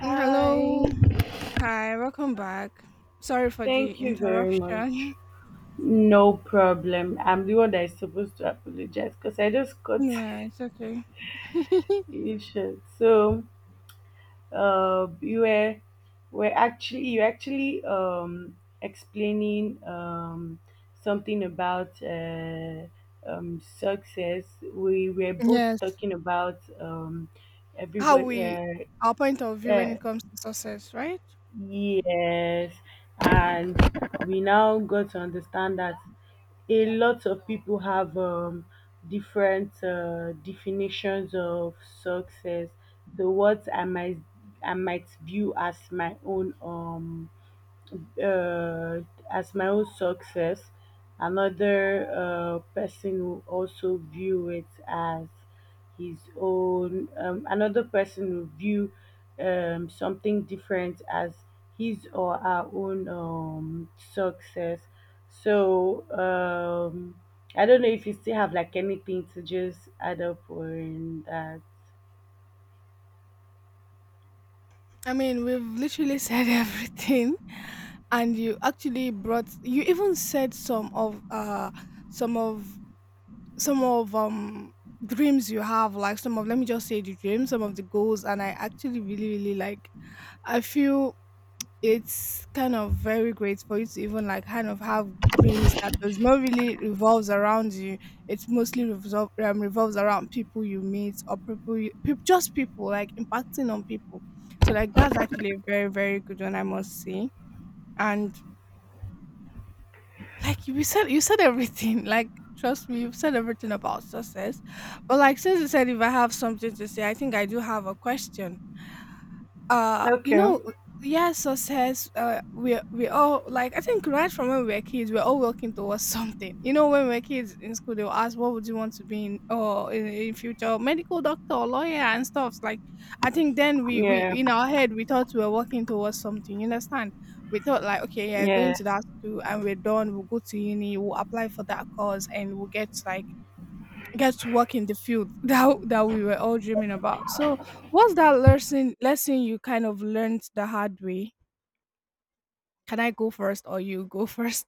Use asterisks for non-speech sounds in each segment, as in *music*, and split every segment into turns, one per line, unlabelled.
Hello. Hi, welcome back. Sorry for the
thank you very much.
interruption. *laughs*
No problem. I'm the one that is supposed to apologize because I just got
Yeah, it's okay. *laughs*
*laughs* you short. So, you were actually explaining something about success. We were both
Yes.
talking about
How
everybody.
we our point of view when
Uh,
it comes to success, right?
yes, and we now got to understand that. A lot of people have different definitions of success. The What I might view uh, as my own success. Another person will also view it as his own. Another person will view something different as his or her own success. So I don't know if you still have, like, anything to just add up on that.
I mean, we've literally said *laughs* everything and you actually brought you even said some of some of dreams you have, like, some of, let me just say the dreams, some of the goals. And I actually really really like I feel it's kind of very great for you to even, like, kind of have dreams that does not really revolves around you. It mostly revolves around people you meet or people you peop just people, like, impacting on people. So, like, that's actually a very, very good one, I must say. And, like, you said everything, *laughs* like, trust me, you've said everything about success. But, like, since you said if I have something to say, I think I do have a question. uh you
Okay.
know yeah, success. We all, like, I think right from when we were kids, we're all working towards *laughs* something, you know. When we were kids in school, they'll ask, what would you want to be in, in future? Medical doctor, lawyer, and stuff like, I think then we,
Yeah.
in our head, we thought we were working towards something, you understand? We thought like, okay, yeah, going
Yeah.
to that school and we're done, we'll go to uni, we'll apply for that course, and we'll get like, get to work in the field *laughs* that we were all dreaming about. So, what's that lesson you kind of learned the hard way? Can I go first or you go *laughs* first?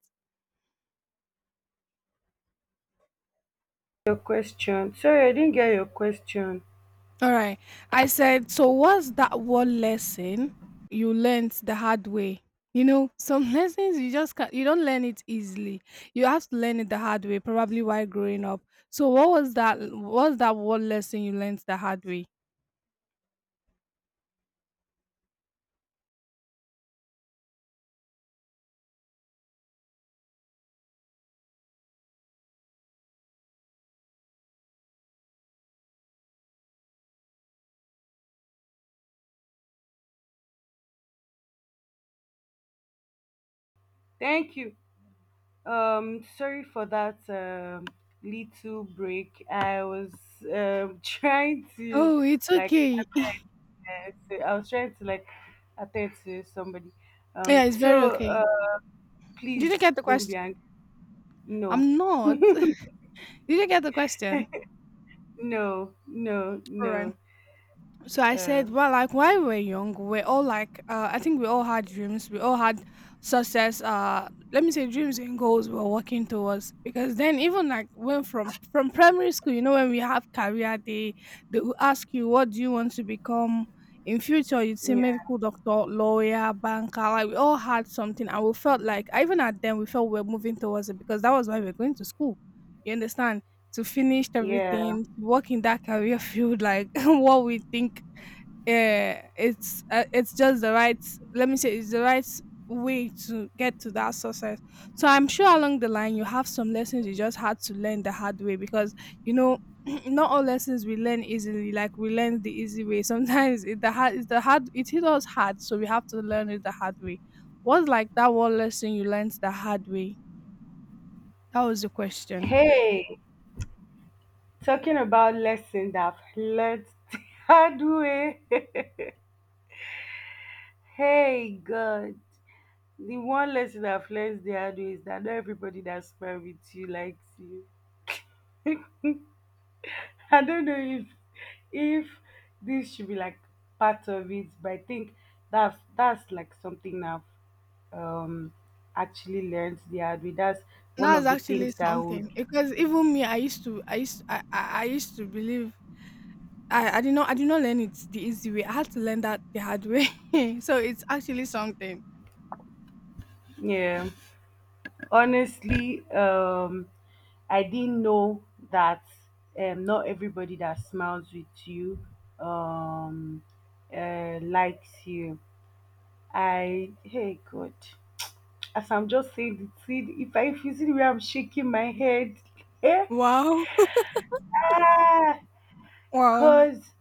Your question. Sorry, I didn't get your question.
All right. I said, so what's that one lesson you learned the hard way? You know, some *laughs* lessons you just can't, you don't learn it easily. You have to learn it the hard way, probably while growing up. So what was that one lesson you learned the hard way?
Thank you. Sorry for that little break. I was *laughs* trying to,
Oh, it's
like,
okay. *laughs*
attend, to- I was trying to like attend to somebody.
Yeah,
Um,
it's very
so
okay.
uh, please
Did you get the
don't be
question?
angry. No,
I'm not. Did you get the question?
*laughs* no, no,
All
no.
right. So I
Uh,
said, well, like while we were young, we're all like, I think we all had dreams. We all had success. Let me say dreams and goals we were working towards. Because then, even like when from primary school, you know, when we have career day, they will ask you, what do you want to become in future? You'd say
yeah,
medical doctor, lawyer, banker. Like, we all had something, and we felt like even at then we felt we were moving towards it because that was why we were going to school. You understand? To finish
yeah.
everything, to work in that career field, like *laughs* what we think it's just the right, let me say it's the right way to get to that success. So I'm sure along the line you have some lessons you just had to learn the hard way. Because, you know, *clears throat* not all lessons we learn easily, like we learn the easy way. *laughs* Sometimes it's the hard, it hit us hard, so we have to learn it the hard way. What's like that one lesson you learned the hard way? That was the question.
Hey, talking about lesson that I've learned *laughs* the hard way. *laughs* Hey, God. The one lesson I've learned the hard way is that not everybody that smart with you likes you. *laughs* I don't know if this should be, like, part of it, but I think that's like something I've um actually learned the hard way. That's one
That's
of the
actually
things that I would.
something because even me, I used to believe. I did not learn it the easy way. I had to learn that the hard way. *laughs* So it's actually something.
Yeah. Honestly, I didn't know that not everybody that smiles with you um likes you. Hey, God, as I'm just saying the thing, if you see the way I'm shaking my head, eh?
Wow,
Ah,
wow,
cause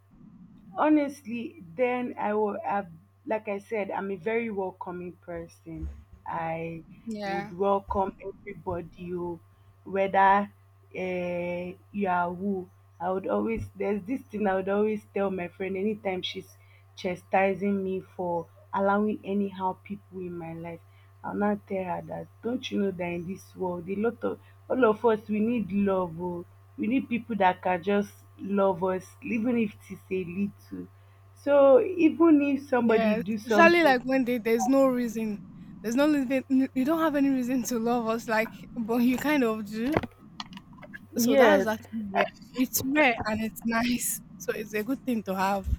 honestly, then I will have, like I said, I'm a very welcoming person. I would
yeah,
welcome everybody, oh, whether you are who. There's this thing I would always tell my friend anytime she's chastising me for allowing anyhow people in my life. I'll now tell her that, don't you know that in this world a lot of all of us, we need love, oh, we need people that can just love us, even if it is a little. So even if somebody
yes.
do
Especially
something.
like when they, there's no reason, you don't have any reason to love us, like, but you kind of do. So that's
Yes.
actually rare. It's rare and it's *laughs* nice. So it's a good thing to have.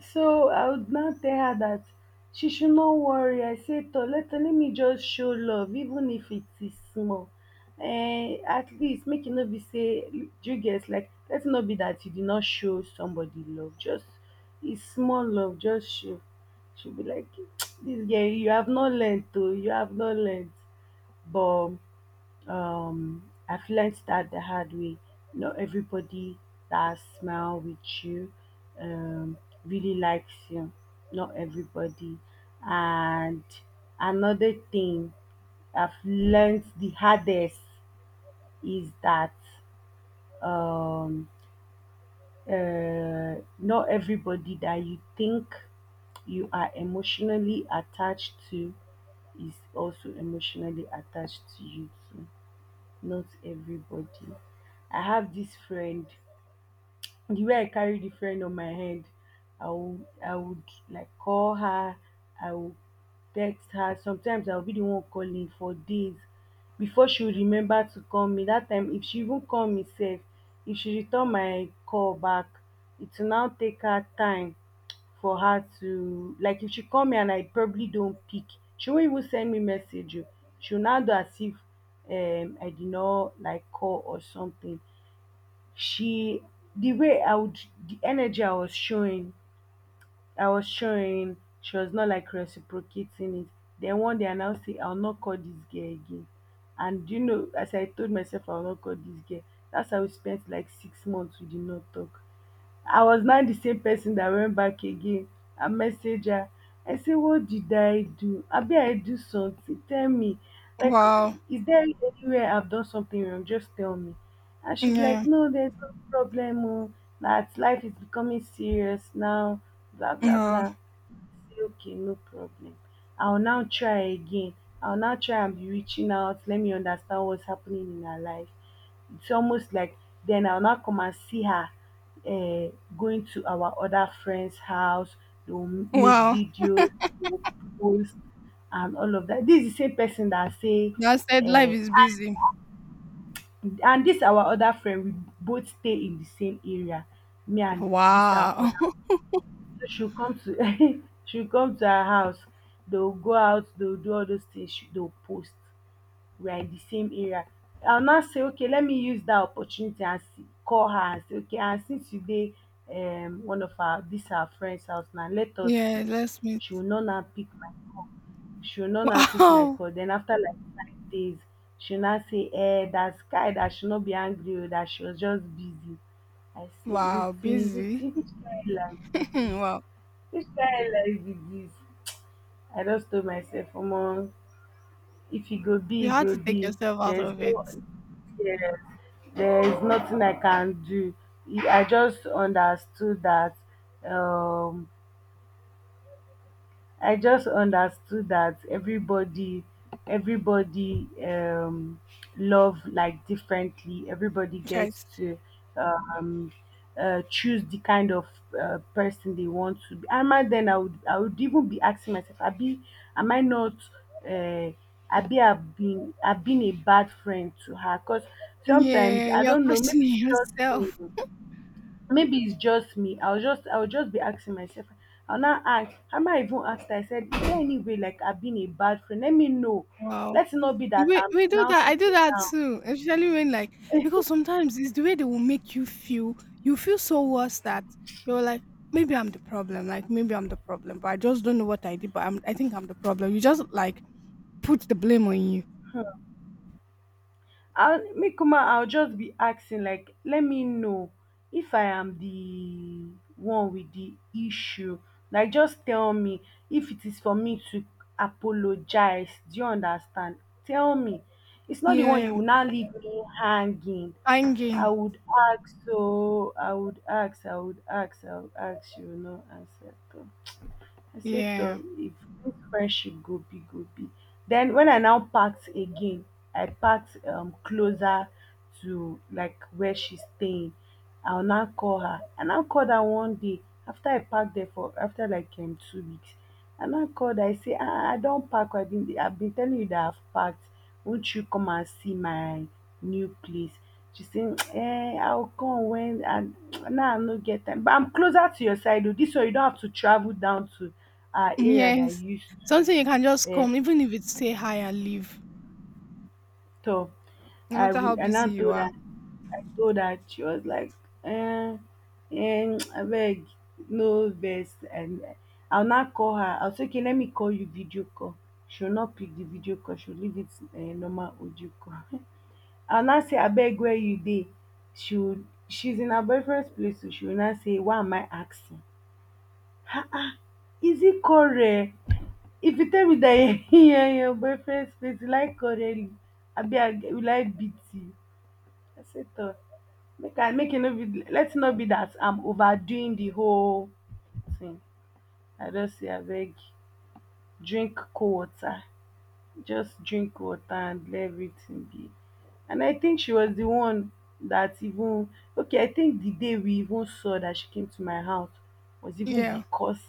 So I would now tell her that she should not worry. I said, to let me just show love, even if it is small. Eh, at least make it not be say, you guess? Like, let it not be that you did not show somebody love. Just it's small love, just show. She'll be like, *tsk* this girl, you have not learned, though. You have not learned. But um I've learned that the hard way. Not everybody that smile with you um really likes you. Not everybody. And another thing I've learned the hardest is that um not everybody that you think you are emotionally attached to is also emotionally attached to you too. Not everybody. I have this friend, the way I carry the friend on my head. I would like call her, I would text her. Sometimes I'll be the one calling for days before she would remember to call me. That time, if she even call me safe, if she return my call back, it will now take her time for her to, like, if she call me and I probably don't pick, she won't even send me message, oh. She will now do as if I did not like call or something. She, the way I would, the energy I was showing, she was not like reciprocating it. Then one day I now say I'll not call this girl again. And you know, as I told myself I'll not call this girl, that's how we spent like 6 months we did not talk. I was now the same person that went back again and messaged her. I said, what did I do? Abi, I do something. Tell me. Like,
Wow,
is there anywhere I've done something wrong? Just tell me. And she'd be like,
yeah,
no, there's no problem, oh. That life is becoming serious now. Blah, blah,
wow,
blah. Say okay, no problem, i'll now try again I'll now try and be reaching out, let me understand what's happening in her life. It's almost like then I'll now come and see her. uh, Going to our other friend's house, they'll make
wow.
videos, they'll post and all of that. This is the same person that say.
That said, life
uh,
is busy.
and this our other friend, we both stay in the same area. Me and this our
Wow.
other,
*laughs*
she'll come to *laughs* she'll come to our house. They'll go out, they'll do all those things, they'll post. We are in the same area. I'll now say, okay, let me use that opportunity and see, call her and say, okay, and since today, one of our this our friend's house now, let us
Yeah,
see.
let's meet.
She will not now pick my call. She will not now pick my
Wow.
call. Then after like 5 days, she'll now say, eh, that guy, that should not be angry, oh, that she was just busy. I say, wait,
Wow,
wait, which
busy.
kind of life
*laughs*
is this?
Wow.
Which kind life be dis? I just tell myself, omo, if e go be,
You
e
had
go
to take
be.
yourself out
There's
of
no.
it.
Yes, there's nothing I can do. I just understood that um I just understood that everybody everybody love, like, differently. Everybody gets
Yes.
to um choose the kind of person they want to be. And then I would even be asking myself, Abi, am I not uh Abi, I've been a bad friend to her because sometimes
Yeah,
I
you're
don't know, maybe
questioning *laughs*
it's just me,
yourself.
maybe it's just me. I'll just be asking myself. I'll not ask. I might even asked? I said, is there any way like I've been a bad friend? Let me know.
Wow.
Let's not be that
We
I'm
we do
now
that. I
sitting
do that
down.
too. Especially when, like, because sometimes it's the way they will make you feel. You feel so worse that you're like, maybe I'm the problem. Like, maybe I'm the problem, but I just don't know what I did. But I think I'm the problem. You just like put the blame on you.
I'll make uma I'll just be asking, like, let me know if I am the one with the issue. Like, just tell me if it is for me to apologize. Do you understand? Tell me. It's not the one you
Yeah.
will now leave me hanging.
Fine
I
game.
would ask, so I would ask, I would ask, I would ask, you will not answer. I said, Toh,
Yeah.
if this friendship go be, go be. Then when I now parked again, I parked closer to like where she's staying. I'll now call her. I now called her one day after I parked there for after like 2 weeks. And I called, I say, I don't pack, I have been telling you that I have packed, won't you come and see my new place? She say, eh, I will come when and now I no get time, but I'm closer to your side, oh, this one you don't have to travel down to our area that
Yes.
you used
Something you
to
can just come, even if it's say hi and leave,
tor.
no
I
matter
will,
how
and I
busy
now
you
told
are.
her I told her she was like, eh, eh, *tsk* abeg, no vex. And I'll not call her. I'll say, okay, let me call you video call. She'll not pick the video call. She'll leave it, normal audio call. *laughs* I'll not say, abeg, where you dey? She'll she's in her boyfriend's place, so she'll not say, why am I asking? Is it correct? If you tell me that *laughs* you're in your boyfriend's place, you like correct, I be will I beat you? I said, Toh, make I make it no be, let it not be that I'm overdoing the whole thing. I just say abeg drink cold water, just drink water and let everything be. And I think she was the one that even okay, I think the day we even saw that she came to my house was even
Yeah.
because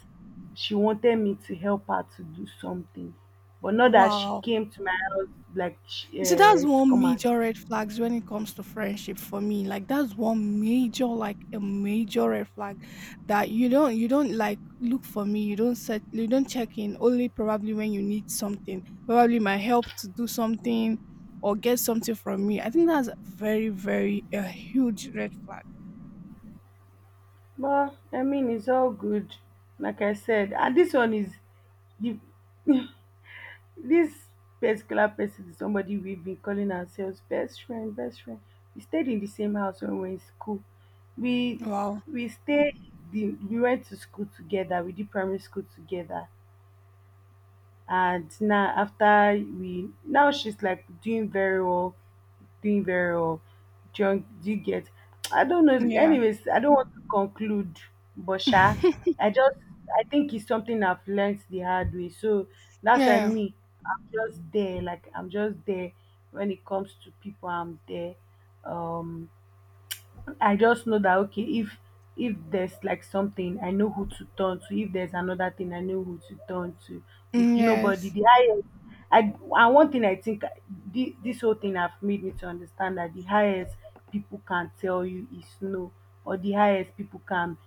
she wanted me to help her to do something. But not that she
Wow.
came to my house, like she,
You see, that's
eh, to
one
come and
major red flags when it comes to friendship for me. Like, that's one major, like a major red flag that you don't like look for me. You don't check in only probably when you need something. Probably my help to do something or get something from me. I think that's very, very a huge red flag.
but I mean it's all good. Like I said, and this one is, the This particular person is somebody we've been calling ourselves best friend, best friend. We stayed in the same house when we were in school. We
Wow.
we stayed the we went to school together. We did primary school together, and now after, we now she's like doing very well, doing very well. Do you get? I don't know.
Yeah.
Anyways, I don't want to conclude, but sha,
*laughs*
I just I think it's something I've learned the hard way. So that's why
Yeah.
me, I'm just there. Like, I'm just there when it comes to people. I'm there. Um, I just know that, okay, if there's like something, I know who to turn to. If there's another thing, I know who to turn to. If
Mm,
nobody,
yes.
the highest, I and one thing I think this whole thing have made me to understand that the highest people can tell you is no, or the highest people can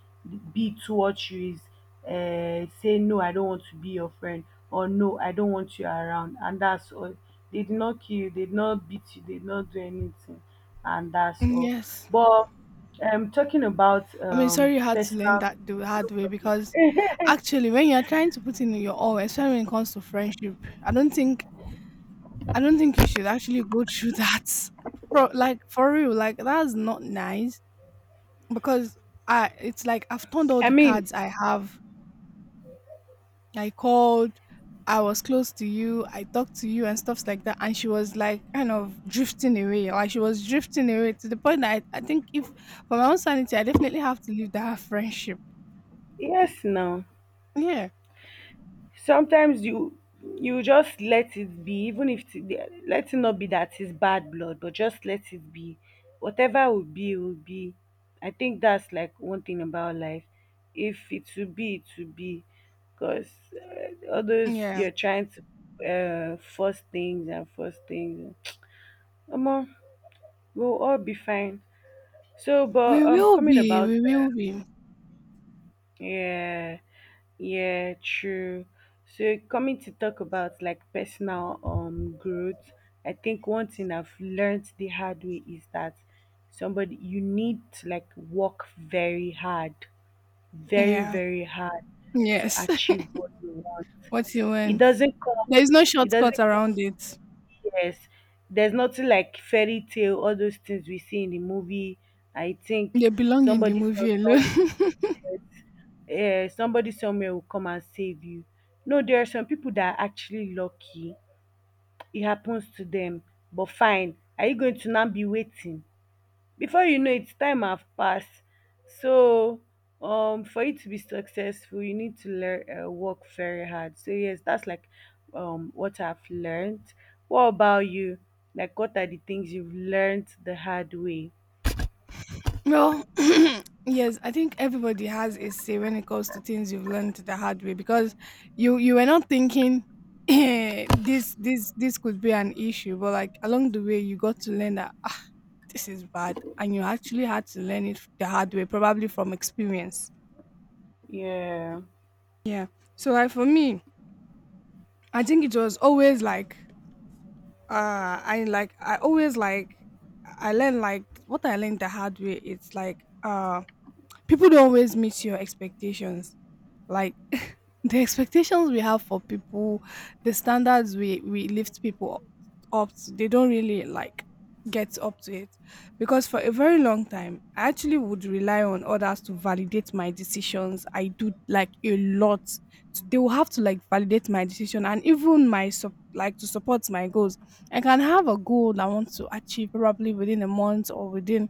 be towards you is say no, I don't want to be your friend, or no, I don't want you around, and that's all. They did not kill you, they did not beat you, they did not do anything and that's
Mm,
all.
yes.
But talking about
I mean, sorry you had to learn
personal,
that the hard way because actually, when you're trying to put in your all, especially when it comes to friendship, I don't think I don't think you should actually go *laughs* through that. Pro, like for real, like that's not nice because I it's like I've turned all
I
the
mean,
cards I have, I called, I was close to you, I talked to you and stuffs like that. And she was like kind of drifting away. Like, she was drifting away to the point that I think if for my own sanity, I definitely have to leave that friendship.
yes, now
Yeah.
sometimes you just let it be, even if it, let it not be that it's bad blood, but just let it be. Whatever will be, will be. I think that's like one thing about life. If it will be, it will be, because others
Yeah.
you're trying to force things and force things. Omo, we'll all be fine. So, but
We will
coming
be.
about,
We will be.
yeah, yeah, true. So, coming to talk about, like, personal growth, I think one thing I've learned the hard way is that somebody you need to, like, work very hard, very
Yeah.
very hard to
Yes. *laughs*
achieve what you want.
What you
It
want.
doesn't come.
There is no
It
shortcut
doesn't come.
around it.
Yes, there's nothing like fairy tale. All those things we see in the movie. I think
They belong in the
somebody from
movie alone. *laughs*
somebody somewhere will come and save you. No, there are some people that are actually lucky. It happens to them. But fine, are you going to now be waiting? Before you know it, time have passed. So, for you to be successful, you need to learn work very hard. So yes, that's like what I've learned. What about you? Like, what are the things you've learned the hard way?
Well, *laughs* *clears throat* yes, I think everybody has a say when it comes to things you've learned the hard way because you were not thinking *laughs* this could be an issue, but like along the way you got to learn that ah, this is bad, and you actually had to learn it the hard way, probably from experience.
Yeah,
Yeah. So like for me, I think it was always like uh I like I always like I learned like what I learned the hard way. It's like, uh, people don't always meet your expectations, like, *laughs* the expectations we have for people, the standards we lift people up to, they don't really like get up to it. Because for a very long time, I actually would rely on others to validate my decisions. I do, like, a lot. They will have to like validate my decision and even my sup- like to support my goals. I can have a goal that I want to achieve probably within a month, or within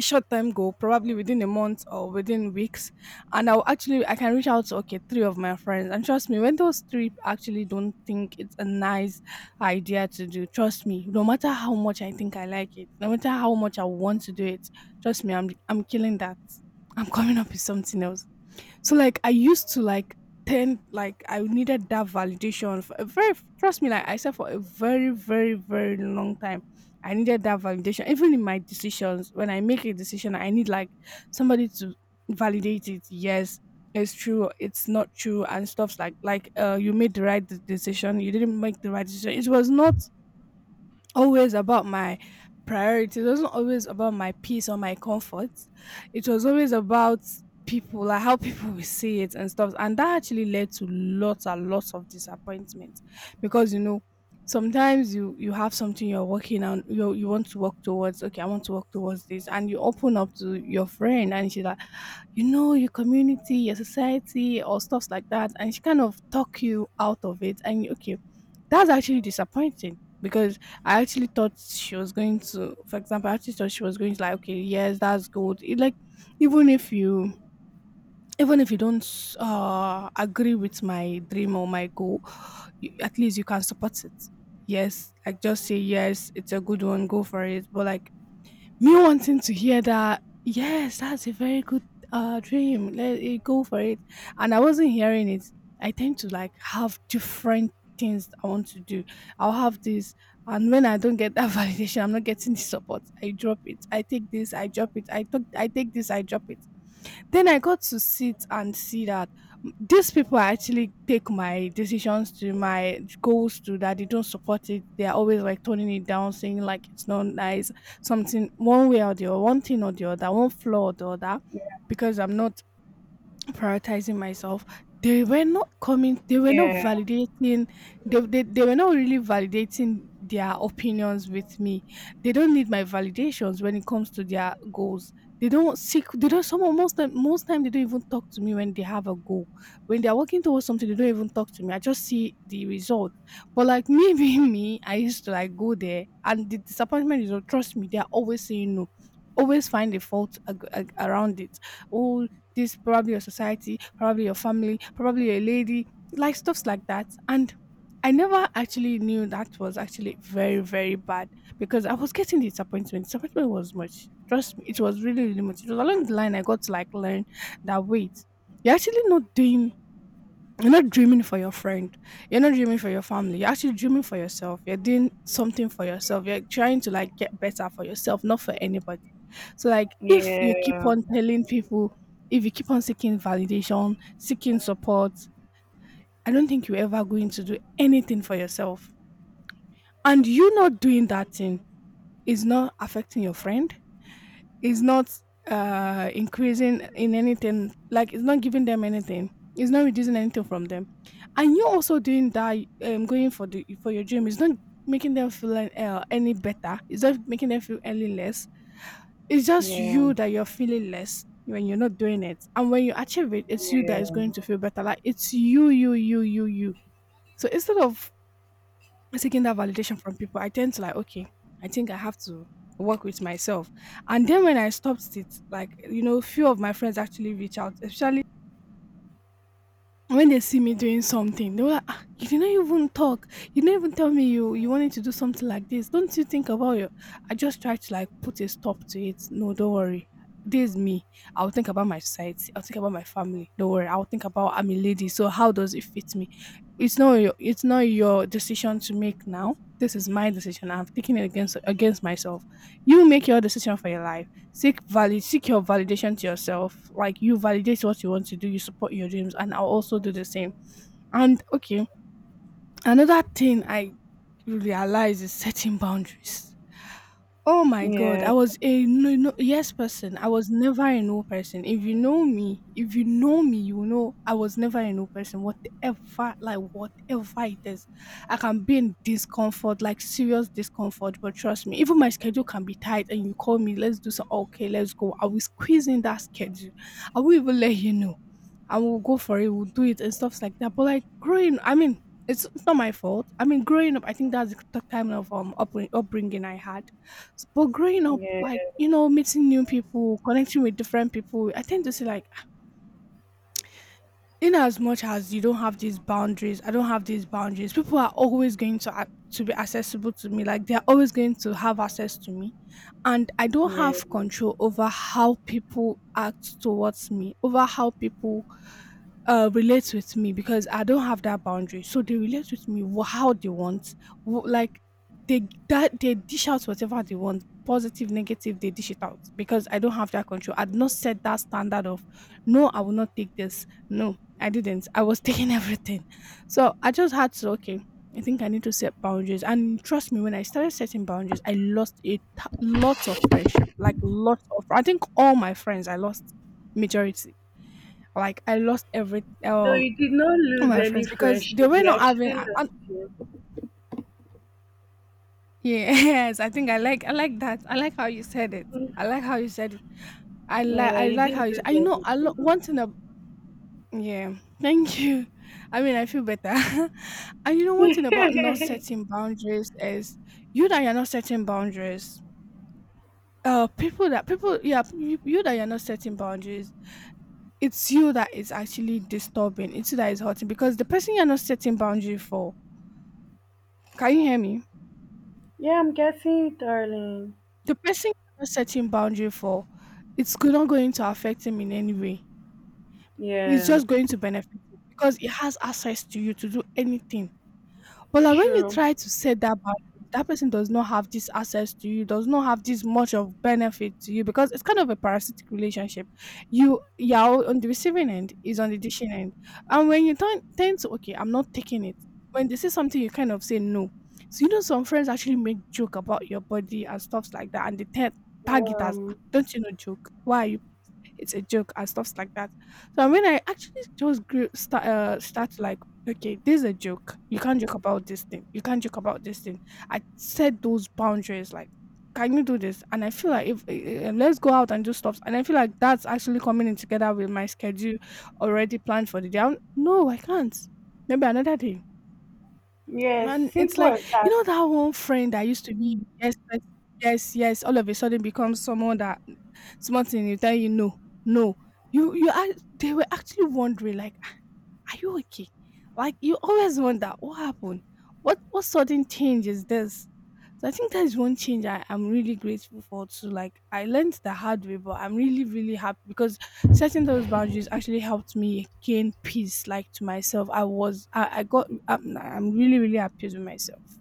short time goal probably within a month or within weeks. And I can reach out to, okay, three of my friends, and trust me, when those three actually don't think it's a nice idea to do, trust me, no matter how much I think I like it, no matter how much I want to do it, trust me, I'm killing that. I'm coming up with something else. So, like, I used to like tend, like, I needed that validation for a very, trust me, like I said, for a very, very, very long time. I needed that validation. Even in my decisions, when I make a decision, I need like somebody to validate it. Yes, it's true, it's not true, and stuff like, uh, you made the right decision, you didn't make the right decision. It was not always about my priorities. It wasn't always about my peace or my comfort. It was always about people, like how people will see it and stuff. And that actually led to lots and lots of disappointment because, you know, sometimes you have something you're working on, you want to work towards, okay, I want to work towards this. And you open up to your friend and she's like, you know your community, your society, or stuffs like that, and she kind of talk you out of it, and you- okay, that's actually disappointing because I actually thought she was going to, for example, I actually thought she was going to like, okay, yes, that's good. It, like, even if you, even if you don't agree with my dream or my goal, you, at least you can support it. Yes, like just say yes, it's a good one, go for it. But like me wanting to hear that yes, that's a very good dream, let it go for it, and I wasn't hearing it. I tend to like have different things I want to do. I'll have this, and when I don't get that *laughs* validation, I'm not getting the support, I drop it, I take this, I drop it, I take this, I drop it. Then I got to sit and see that these people I actually take my decisions to, my goals to, that they don't support it. They are always like toning it down, saying like it's not nice, something one way or the other, one thing or the other, one flaw or the other, because I'm not prioritizing myself. They were not coming, they were not
yeah,
validating. They were not really validating their opinions with me. They don't need my validations when it comes to their goals. They don't seek they don't Most time they don't even talk to me when they have a goal. When they're working towards something, they don't even talk to me, I just see the result. But like me, *laughs* being me, I used to like go there, and the disappointment is, oh, trust me, they're always saying no, always find a fault around it. Oh, this probably your society, probably your family, probably a lady, like stuffs like that. And I never actually knew that was actually very, very bad, because I was getting disappointment. Disappointment was much. Trust me, it was really, really much. It was along the line I got to like learn that wait, you're actually not doing you're not dreaming for your friend. You're not dreaming for your family. You're actually dreaming for yourself. You're doing something for yourself. You're trying to like get better for yourself, not for anybody. So like if you keep
yeah,
on telling people, if you keep on seeking validation, seeking support, I don't think you're ever going to do anything for yourself. And you not doing that thing is not affecting your friend. It's not increasing in anything. Like it's not giving them anything. It's not reducing anything from them. And you also doing that, going for the for your dream, it's not making them feel any better. It's not making them feel any less. It's just
yeah,
you that you're feeling less when you're not doing it. And when you achieve it, it's you that is
yeah,
going to feel better. Like it's you, you, you, you, you. So instead of taking that validation from people, I tend to like, okay, I think I have to work with myself. And then when I stopped it, like, you know, few of my friends actually reach out, especially, and when they see me doing something, they were like, ah, you didn't even talk. You didn't even tell me you wanted to do something like this. Don't you think about your— I just tried to like put a stop to it. No, don't worry. This is me. I'll think about my sight. I'll think about my family. Don't worry. I'll think about— I'm a lady, so how does it fit me? It's not your decision to make now. This is my decision. I'm taking it against myself. You make your decision for your life. Seek your validation to yourself, like you validate what you want to do, you support your dreams, and I'll also do the same. And okay, another thing I realize is setting boundaries. Oh my god,
yeah.
I was a no, no, yes person. I was never a no person. If you know me, if you know me, you know I was never a no person. Whatever, like whatever it is, I can be in discomfort, like serious discomfort. But trust me, even my schedule can be tight, and you call me, let's do so. Okay, let's go. I will squeeze in that schedule. I will even let you know. I will go for it. We'll do it and stuff like that. But like growing, I mean, it's not my fault. I mean, growing up, I think that's the time of upbringing I had. But growing up,
Yeah,
like, you know, meeting new people, connecting with different people, I tend to see like, in as much as you don't have these boundaries, I don't have these boundaries. People are always going to to be accessible to me. Like they're always going to have access to me, and I don't
yeah.
have control over how people act towards me, over how people relate with me, because I don't have that boundary. So they relate with me how they want. Like they that they dish out whatever they want. Positive, negative, they dish it out because I don't have that control. I'd not set that standard of, no, I will not take this. No, I didn't. I was *laughs* taking everything. So I just had to, okay, I think I need to set boundaries. And trust me, when I started setting boundaries, I lost a lots of friendship, like lots of, I think all my friends, I lost majority. Like I lost every,
No, you did not
all
lose
my
any
friends because
friendship.
they were
They
not having,
actually lost you.
*laughs* yes, I think I like that. I like how you said it. I like how you said it.
Yeah,
I
you
like how
didn't
you.
lose
I know a lot.
anything.
One thing. Yeah, thank you. I mean, I feel better. *laughs* And you know, one thing about not setting
*laughs*
boundaries is you that you're not setting boundaries. People, yeah, you that you're not setting boundaries. It's you that is actually disturbing. It's you that is hurting, because the person you're not setting boundary for— can you hear me?
Yeah. I'm guessing, darling.
The person you're not setting boundary for, it's not going to affect him in any way. It's
Yeah,
just going to benefit him because he has access to you to do anything. But like when you
true.
try to set that boundary, that person does not have this access to you, does not have this much of benefit to you, because it's kind of a parasitic relationship. You're on the receiving end, is on the dishing end. And when you turn tend to, okay, I'm not taking it. When they say something, you kind of say no. So you know some friends actually make joke about your body and stuff like that, and they tag it as, "Ah,
Um,
don't you know joke? Why are you—" it's a joke and stuffs like that. So when I actually just grew start like, okay, this is a joke. You can't joke about this thing. You can't joke about this thing. I set those boundaries like, can you do this? And I feel like if let's go out and do stuff, and I feel like that's actually coming in together with my schedule already planned for the day. I'm, no, I can't. Maybe another day.
yes,
And it's
simple
like,
as
you
that.
know, that one friend that used to be the yes, yes, yes, yes, all of a sudden becomes someone that something you tell you no, no. You are— they were actually wondering like, are you okay? Like you always wonder, what happened? What sudden change is this? So I think that is one change I am really grateful for too. Like I learned the hard way, but I'm really, really happy because setting those boundaries actually helped me gain peace like to myself. I got— I'm really, really at peace with myself.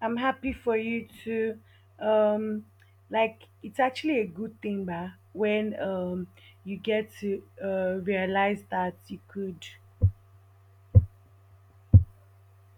I'm happy for you too. um, like, it's actually a good thing, ba. When you get to realize that you could